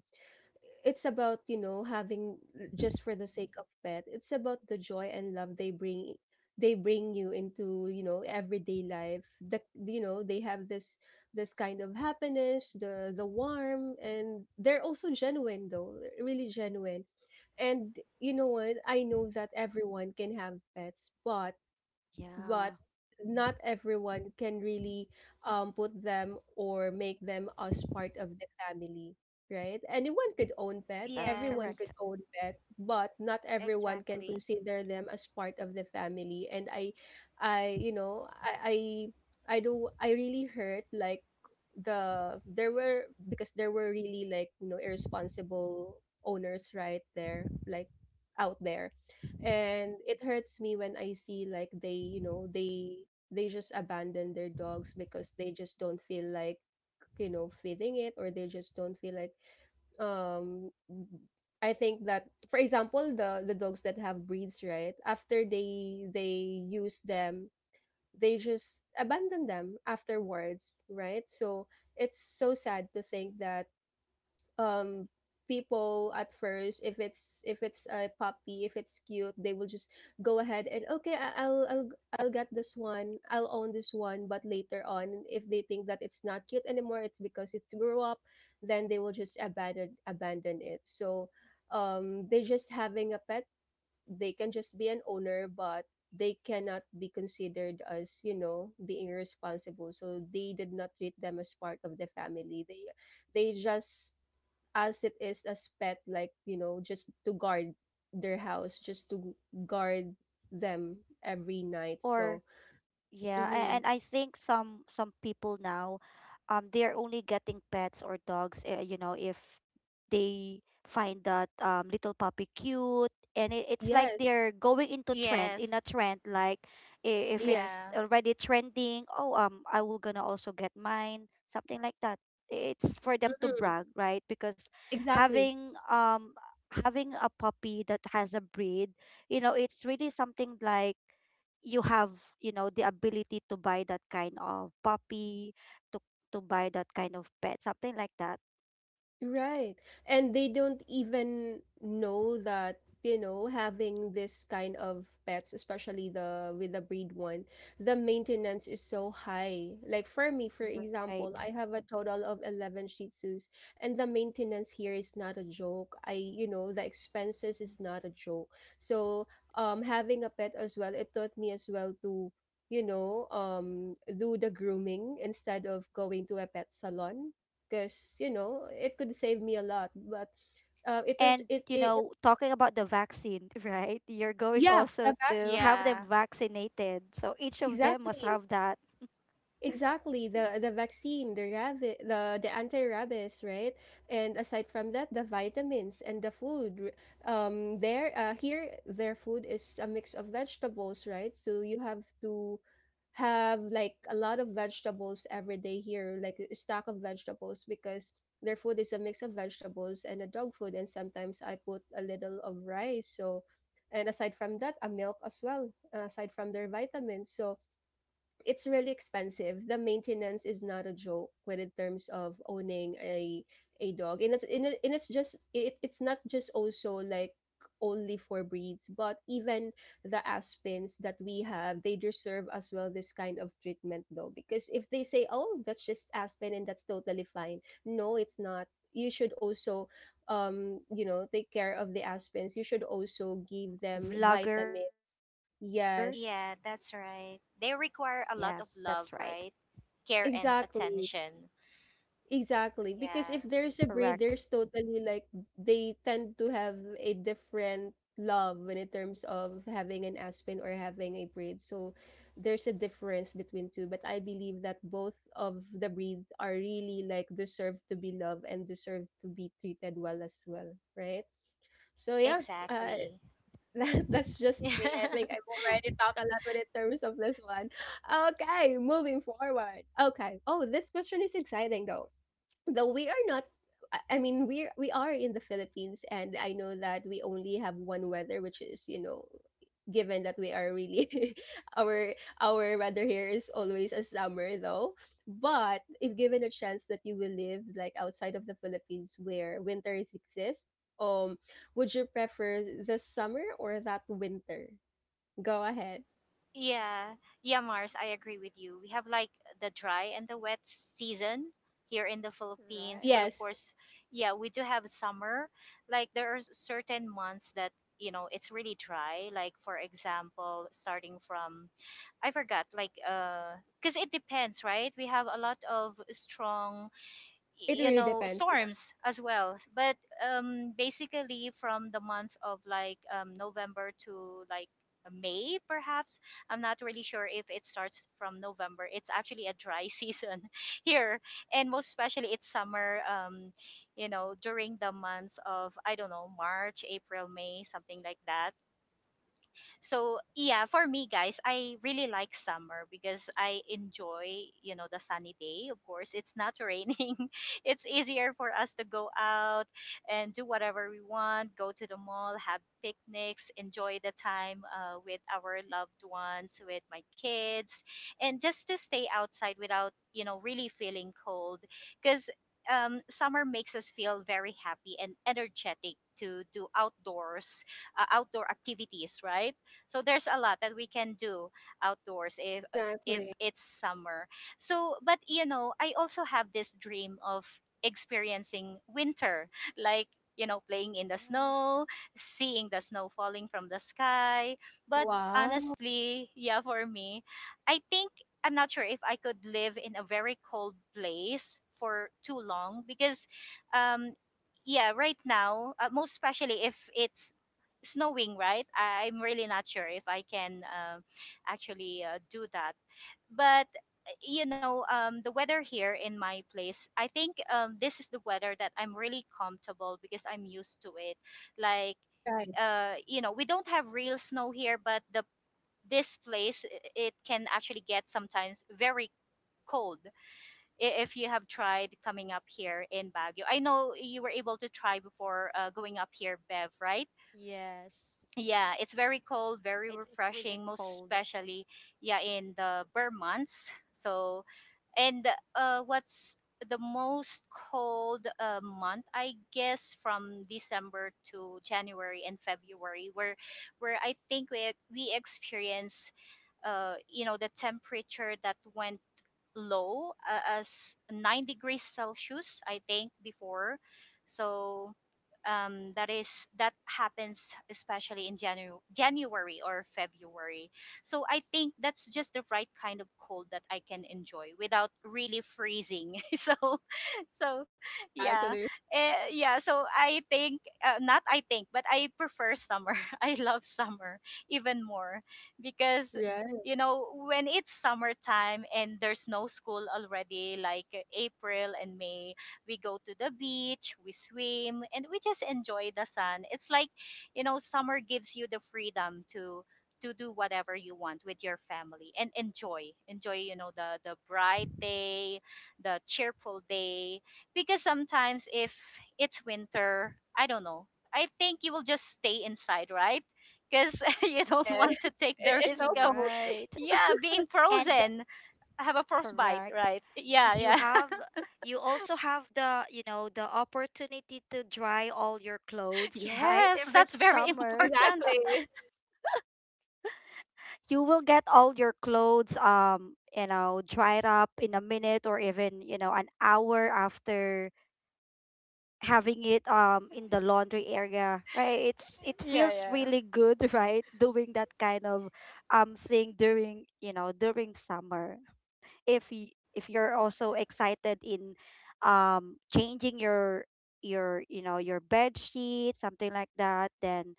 It's about you know having l- just for the sake of pet. It's about the joy and love they bring they bring you into you know everyday life. The you know they have this this kind of happiness, the the warm, and they're also genuine though, uh, really genuine. And you know what? I know that everyone can have pets, but but
Yeah,
not everyone can really um, put them or make them as part of the family. Right, anyone could own pet,
that's
everyone
Yes.
correct.
could own pet, but not everyone can
Exactly.
consider them as part of the family. And I i you know i i, I do i really hurt, like, the there were, because there were really, like, you know irresponsible owners, right there, like, out there. And it hurts me when I see like they you know they they just abandon their dogs because they just don't feel like you know feeding it, or they just don't feel like um I think that, for example, the the dogs that have breeds, right after they they use them, they just abandon them afterwards, right? So it's so sad to think that um people, at first, if it's if it's a puppy, if it's cute, they will just go ahead and okay, I- i'll i'll i'll get this one, I'll own this one, but later on if they think that it's not cute anymore, it's because it's grew up, then they will just abandon abandon it. So um they just having a pet, they can just be an owner, but they cannot be considered as you know being responsible, so they did not treat them as part of the family. They they just, as it is, as pet, like, you know just to guard their house, just to guard them every night.
Or
So
yeah, a-
mhm.
and I think some some people now, um, they're only getting pets or dogs, uh, you know, if they find that um little puppy cute, and it, it's like
Yes,
they're going into trend, in
Yes.
a trend. Like i- if
yes,
it's
Yeah.
already trending, oh, um, I will gonna also get mine, something like that. It's for them to
mhm,
brag, right? Because
exactly.
having um having a puppy that has a breed, you know, it's really something like you have, you know, the ability to buy that kind of puppy to to buy that kind of pet, something like that,
Right. And they don't even know that, you know, having this kind of pets, especially the with the breed one, the maintenance is so high. Like for me, for example,
right?
I have a total of eleven Shih Tzus, and the maintenance here is not a joke. I, you know, the expenses is not a joke. So, um having a pet as well, it taught me as well to, you know um do the grooming instead of going to a pet salon, because you know it could save me a lot, but uh, it is
And
it,
you
it it-
know, talking about the vaccine, right? You're going
yeah,
also
the
to
vaccine,
have them
Yeah.
vaccinated, so each of them must
exactly.
have that
Exactly, the the vaccine, the rabbit, the the anti-rabies, right? And aside from that, the vitamins and the food. R- Um, there, uh, here, their food is a mix of vegetables, right? So you have to have like a lot of vegetables every day here, like a stack of vegetables, because their food is a mix of vegetables and the dog food, and sometimes I put a little of rice. So, and aside from that, a milk as well, aside from their vitamins. So it's really expensive. The maintenance is not a joke when in terms of owning a a dog, and it's and, it, and it's just it, it's not just also like only for breeds, but even the aspens that we have, they deserve as well this kind of treatment though, because if they say, oh, that's just aspen and that's totally fine, no, it's not. You should also, um, you know, take care of the
latest
aspens. You should also
um
give them
vlogger.
vitamin. Yes,
Yeah, that's right. They
Yes, that's
require a
right.
lot of love, right? Care and
exactly.
attention.
Exactly, because if
Yeah.
there's a breed,
Correct.
there's totally like they tend to have a different love when in terms of having an aspen or having a breed. So there's a difference between two, but I believe that both of the breeds are really like deserve to be loved and deserve to be treated well as well, right? So yeah, uh,
Exactly.
that, that's just me. I think I've already talked a lot when in terms of this one. Okay, moving forward. Okay. Oh, this question is exciting, though though we are not. I I mean, we we are in the Philippines, and I know that we only have one weather, which is, you know given that we are really, our our weather here is always a summer though. But if given a chance that you will live like outside of the Philippines where winters exist, um would you prefer the summer or that winter? Go ahead.
Yeah, yeah, Mars, I agree with you. We have like the dry and the wet season here in the Philippines, but of
Right.
Yes.
course, yeah, we do have summer. Like there are certain months that, you know, it's really dry. Like for example, starting from, I forgot, like, uh, because it depends, right? We have a lot of strong,
It
you
really
know,
depends, yeah.
storms as well. But um basically from the month of like um November to like May, perhaps. I'm not really sure if it starts from November. It's actually a dry season here. And most especially it's summer. um you know, during the months of, I don't know, March, April, May, something like that. So yeah, for me, guys, I really like summer because I enjoy, you know, the sunny day. Of course, it's not raining. It's easier for us to go out and do whatever we want, go to the mall, have picnics, enjoy the time uh, with our loved ones, with my kids, and just to stay outside without, you know, really feeling cold, because um, summer makes us feel very happy and energetic to do outdoors, uh, outdoor activities, right? So there's a lot that we can do outdoors if if
Exactly.
it's summer. So but you know, I also have this dream of experiencing winter, like, you know, playing in the
Ah,
snow, seeing the snow falling from the sky. But
Wow.
honestly, yeah, for me, I think, I'm not sure if I could live in a very cold place for too long, because um yeah, right now, uh, most especially if it's snowing, right? I- I'm really not sure if I can uh, actually uh, do that. But uh, you know, um, the weather here in my place, I think um, this is the weather that I'm really comfortable, because I'm used to it. Like,
Right.
uh, you know, we don't have real snow here, but the, this place i- it can actually get sometimes very cold, i- if you have tried coming up here in Baguio. I know you were able to try before uh, going up here, Bev, right?
yes,
Yeah, it's very cold, very
it, it's really
refreshing, most
cold,
especially yeah in the bare months. So and uh, what's the most cold uh, month? I guess from December to January and February, where where I think we we experience uh you know the temperature that went low uh, as nine degrees Celsius, I think, before. So um, that is, that happens especially in Janu- January or February. So I think that's just the right kind of cold that I can enjoy without really freezing. so so yeah
Exactly.
eh, yeah so I think, uh, not I think but I prefer summer. I love summer even more, because,
Right.
you know, when it's summertime and there's no school already, like uh, April and May, we go to the beach, we swim, and we just enjoy the sun. It's like, you know, summer gives you the freedom to to do whatever you want with your family and enjoy enjoy, you know, the the bright day, the cheerful day. Because sometimes if it's winter, I don't know. I think you will just stay inside, right? Because you don't
Yes,
want to take
it
the
it's so
risk of,
cold.
right?
yeah, being
And
frozen. I have a frostbite,
correct.
right? Yeah,
You
yeah.
have you also have the, you know, the opportunity to dry all your clothes, right?
yes,
If it's
that's very
summer,
important.
Exactly.
you will get all your clothes, um, you know, dried up in a minute or even, you know, an hour after having it um in the laundry area, right? It's it
Yeah,
feels
yeah,
really good, right? Doing that kind of um thing during, you know, during summer. If y- if you're also excited in um changing your your you know, your bed sheet, something like that, then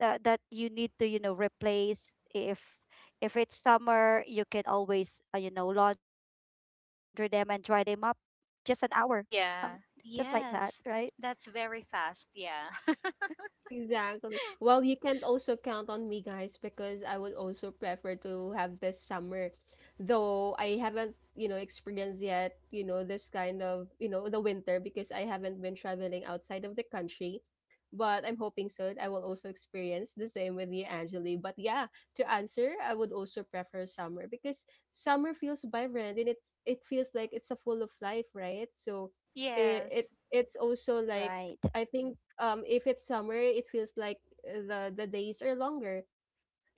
that that you need to, you know, replace. if if it's summer, you can always, uh, you know, launder them and dry them up just an hour, um, just like
yeah.
that, right?
Yes, that's very fast. Yeah,
Exactly. Well, you can't also count on me, guys, because I would also prefer to have this summer. Though I haven't, you know, experienced yet, you know, this kind of, you know, the winter, because I haven't been traveling outside of the country. But I'm hoping so. I will also experience the same with you, Angeli. But yeah, to answer, I would also prefer summer because summer feels vibrant and it's it feels like it's a full of life, right? So it, it
yes,
it's also like,
Right.
I think, um if it's summer, it feels like, uh, the the days are longer.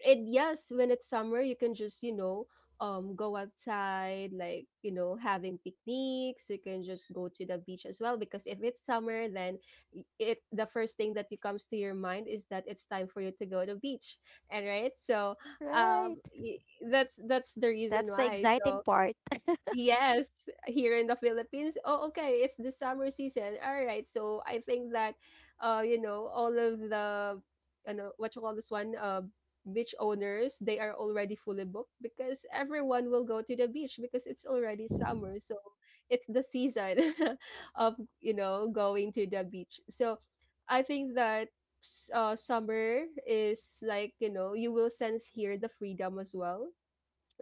And yes, when it's summer, you can just, you know, um go outside, like, you know, having picnics. You can just go to the beach as well, because if it's summer, then y- it the first thing that comes to your mind is that it's time for you to go to the beach. And right? So, um
Right.
y- that's that's the reason
That's the
why.
exciting
So,
part.
yes, here in the Philippines. Oh, okay, it's the summer season. All right. So I think that, uh you know, all of the, you know, what you call this one, uh beach owners, they are already fully booked, because everyone will go to the beach because it's already summer. So it's the season of, you know, going to the beach. So I think that s- uh, summer is like, you know, you will sense here the freedom as well,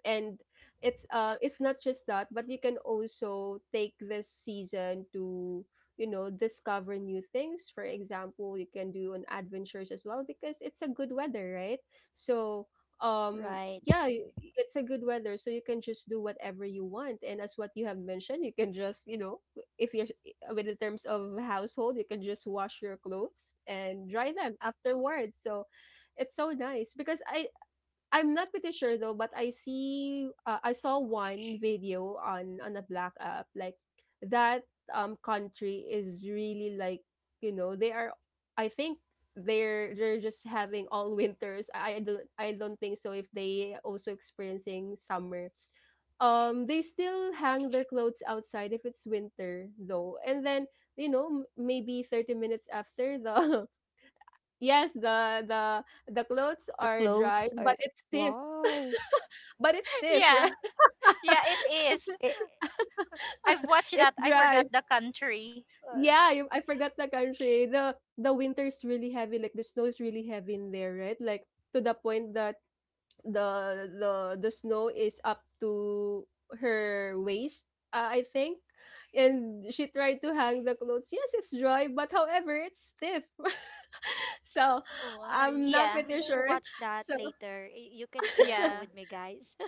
and it's uh it's not just that, but you can also take this season to, you know discover new things. For example, you can do an adventures as well, because it's a good weather, right? So um
Right.
yeah y- it's a good weather, so you can just do whatever you want, and as what you have mentioned, you can just, you know if you're with in terms of household, you can just wash your clothes and dry them afterwards. So it's so nice, because i I'm not pretty sure though, but I see uh, I saw one video on on a black app like that um country is really like, you know they are, I think they're they're just having all winters. I I don't I don't think so if they also experiencing summer. Um they still hang their clothes outside if it's winter though. And then, you know m- maybe thirty minutes after the, yes, the the the clothes
The
are dried
clothes
but
are,
it's stiff.
wow.
But it's stiff, right?
yeah, yeah. It is.
It,
I've watched
It's
that. I
dry.
forgot the country.
Yeah, you, I forgot the country. The the winter is really heavy. Like, the snow is really heavy in there, right? Like, to the point that the the the snow is up to her waist, uh, I think. And she tried to hang the clothes. Yes, it's dry, but however, it's stiff. So
oh, I
I'm not
Yeah,
I'm
pretty
gonna
sure.
watch that
So
later. Y- You can share that
yeah.
with me, guys.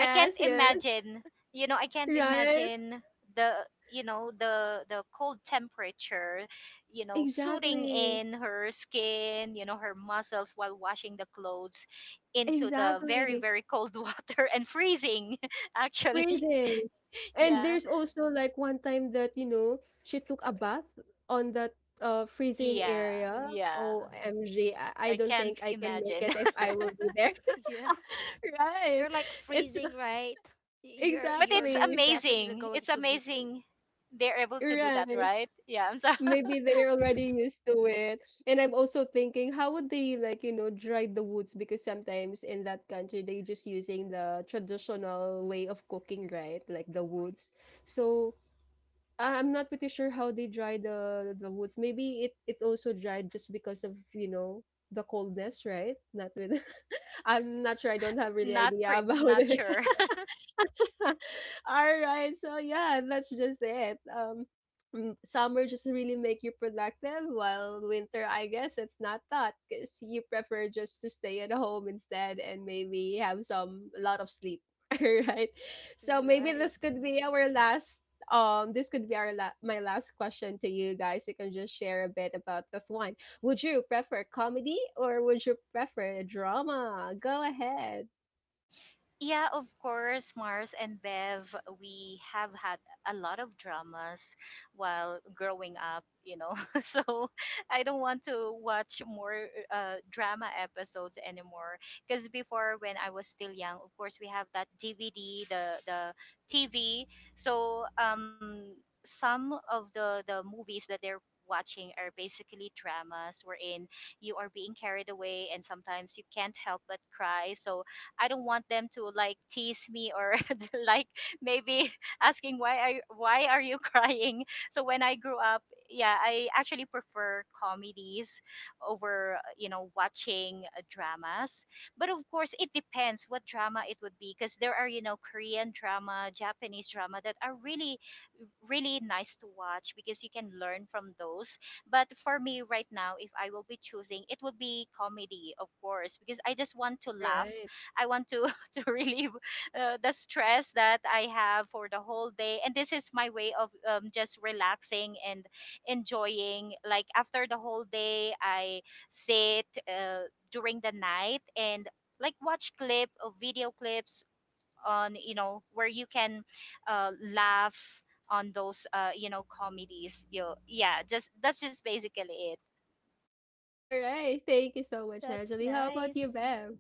I can't
yes,
imagine, you know, I can't
right.
imagine the, you know, the the cold temperature, you know, suiting
Exactly.
in her skin, you know, her muscles while washing the clothes into the very
Exactly.
very cold water and freezing, actually.
Freezing. And
yeah,
there's also like one time that, you know, she took a bath on that uh freezing
yeah,
area.
yeah,
O M G, I, I
I
don't think
can't
I can make
imagine.
it if I will be there.
Yeah.
Right.
You're like
It's
freezing, right? Y- You're
But
you're
it's
exactly
definitely
amazing,
going
it's
to be free.
amazing they're able to do
right.
that, right? Yeah, I'm sorry.
Maybe they're already used to it. And I'm also thinking, how would they, like, you know, dry the woods? Because sometimes in that country, they just using the traditional way of cooking, right? Like the woods. So I- I'm not pretty sure how they dry the the woods. Maybe it it also dried just because of, you know the coldness, right? Not with. I'm not sure. I don't have really
not
idea
pretty
about
not
it.
sure.
All right. So yeah, that's just it. Um mm, summer just really make you productive, while winter, I guess it's not that, cuz you prefer just to stay at home instead and maybe have some a lot of sleep. All right. So maybe this
Right.
could be our last, um this could be our la- my last question to you guys. You can just share a bit about this one. Would you prefer comedy, or would you prefer drama? Go ahead.
Yeah, of course, Mars and Bev, we have had a lot of dramas while growing up, you know. So I don't want to watch more uh, drama episodes anymore. Because before, when I was still young, of course, we have that D V D, the the T V. So um, some of the the movies that they're watching are basically dramas, wherein you are being carried away and sometimes you can't help but cry. So I don't want them to like tease me or like maybe asking, why are you, why are you crying? So when I grew up, yeah, I actually prefer comedies over, you know, watching uh, dramas. But of course, it depends what drama it would be, because there are, you know, Korean drama, Japanese drama that are really really nice to watch, because you can learn from those. But for me right now, if I will be choosing, it would be comedy, of course, because I just want to laugh.
Right.
I want to to relieve uh, the stress that I have for the whole day, and this is my way of um, just relaxing and enjoying. Like after the whole day, I sit uh, during the night and like watch clip or video clips on, you know, where you can uh, laugh on those, uh, you know, comedies. You, yeah, just that's just basically it.
Alright, thank you so much,
That's
Angeli. How about you,
nice.
Bev?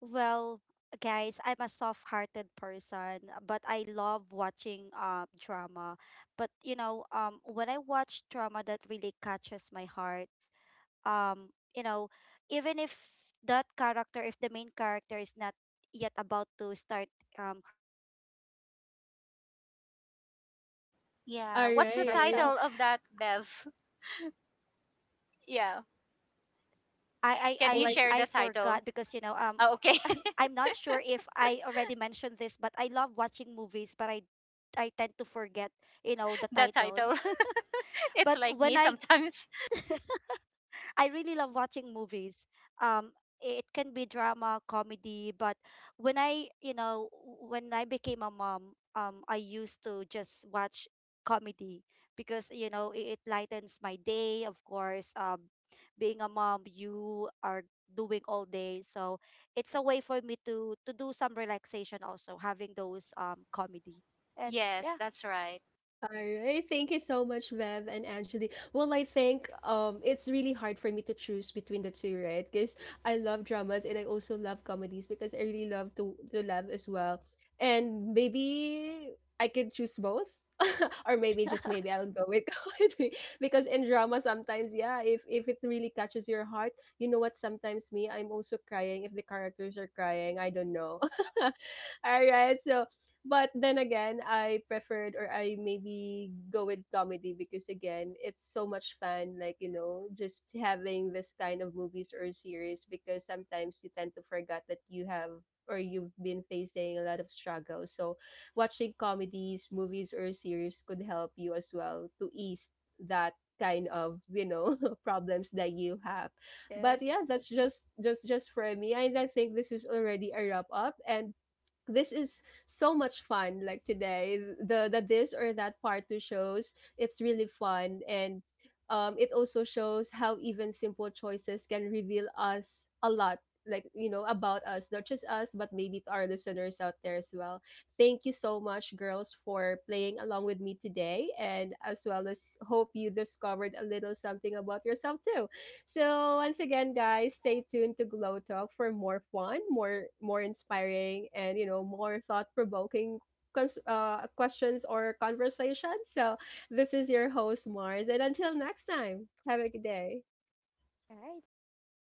Well, guys, I'm a soft-hearted person, but I love watching uh drama. But you know, um when I watch drama that really catches my heart, um you know even if that character, if the main character is not yet about to start um her or his line, I was about to cry
Yeah, what's the
something like
Alright.
title
that,
of that,
so
Bev? yeah,
i i
can
Well,
you
I
i,
share
I
the title?
forgot, because you know, um
Oh, okay.
I'm not sure if I already mentioned this, but I love watching movies, but i I tend to forget, you know, the
the title.
titles.
It's
But
like
when
me
I
sometimes.
I really love watching movies. Um, it can be drama, comedy, but when I, you know, when I became a mom, um, I used to just watch comedy because you know, it, it lightens my day. Of course, um, being a mom, you are doing all day, so it's a way for me to to do some relaxation also, having those um comedy. And
yes,
yeah,
that's right.
All right. Thank you so much, Bev and Angeli. Well, I think, um it's really hard for me to choose between the two, right? Because I love dramas and I also love comedies, because I really love to to laugh as well. And maybe I could choose both. Or maybe, just maybe, I'll go with comedy, because in drama sometimes, yeah, if if it really catches your heart, you know what, sometimes me I'm also crying if the characters are crying, I don't know. All right, so, but then again, I preferred, or I maybe go with comedy because, again, it's so much fun. Like, you know, just having this kind of movies or series, because sometimes you tend to forget that you have or you've been facing a lot of struggle. So watching comedies, movies or series could help you as well to ease that kind of, you know problems that you have. But
yes,
yeah, that's just just just for me, and I think this is already a wrap up. And this is so much fun, like, today the the this or that part two shows, it's really fun. And um it also shows how even simple choices can reveal us a lot, like, you know about us, not just us but maybe to our listeners out there as well. Thank you so much, girls, for playing along with me today, and as well as hope you discovered a little something about yourself too. So once again, guys, stay tuned to Glow Talk for more fun, more more inspiring, and you know more thought provoking. Cons- uh, questions or conversations. So, this is your host, Mars, and until next time, have a good day.
all right, thank you.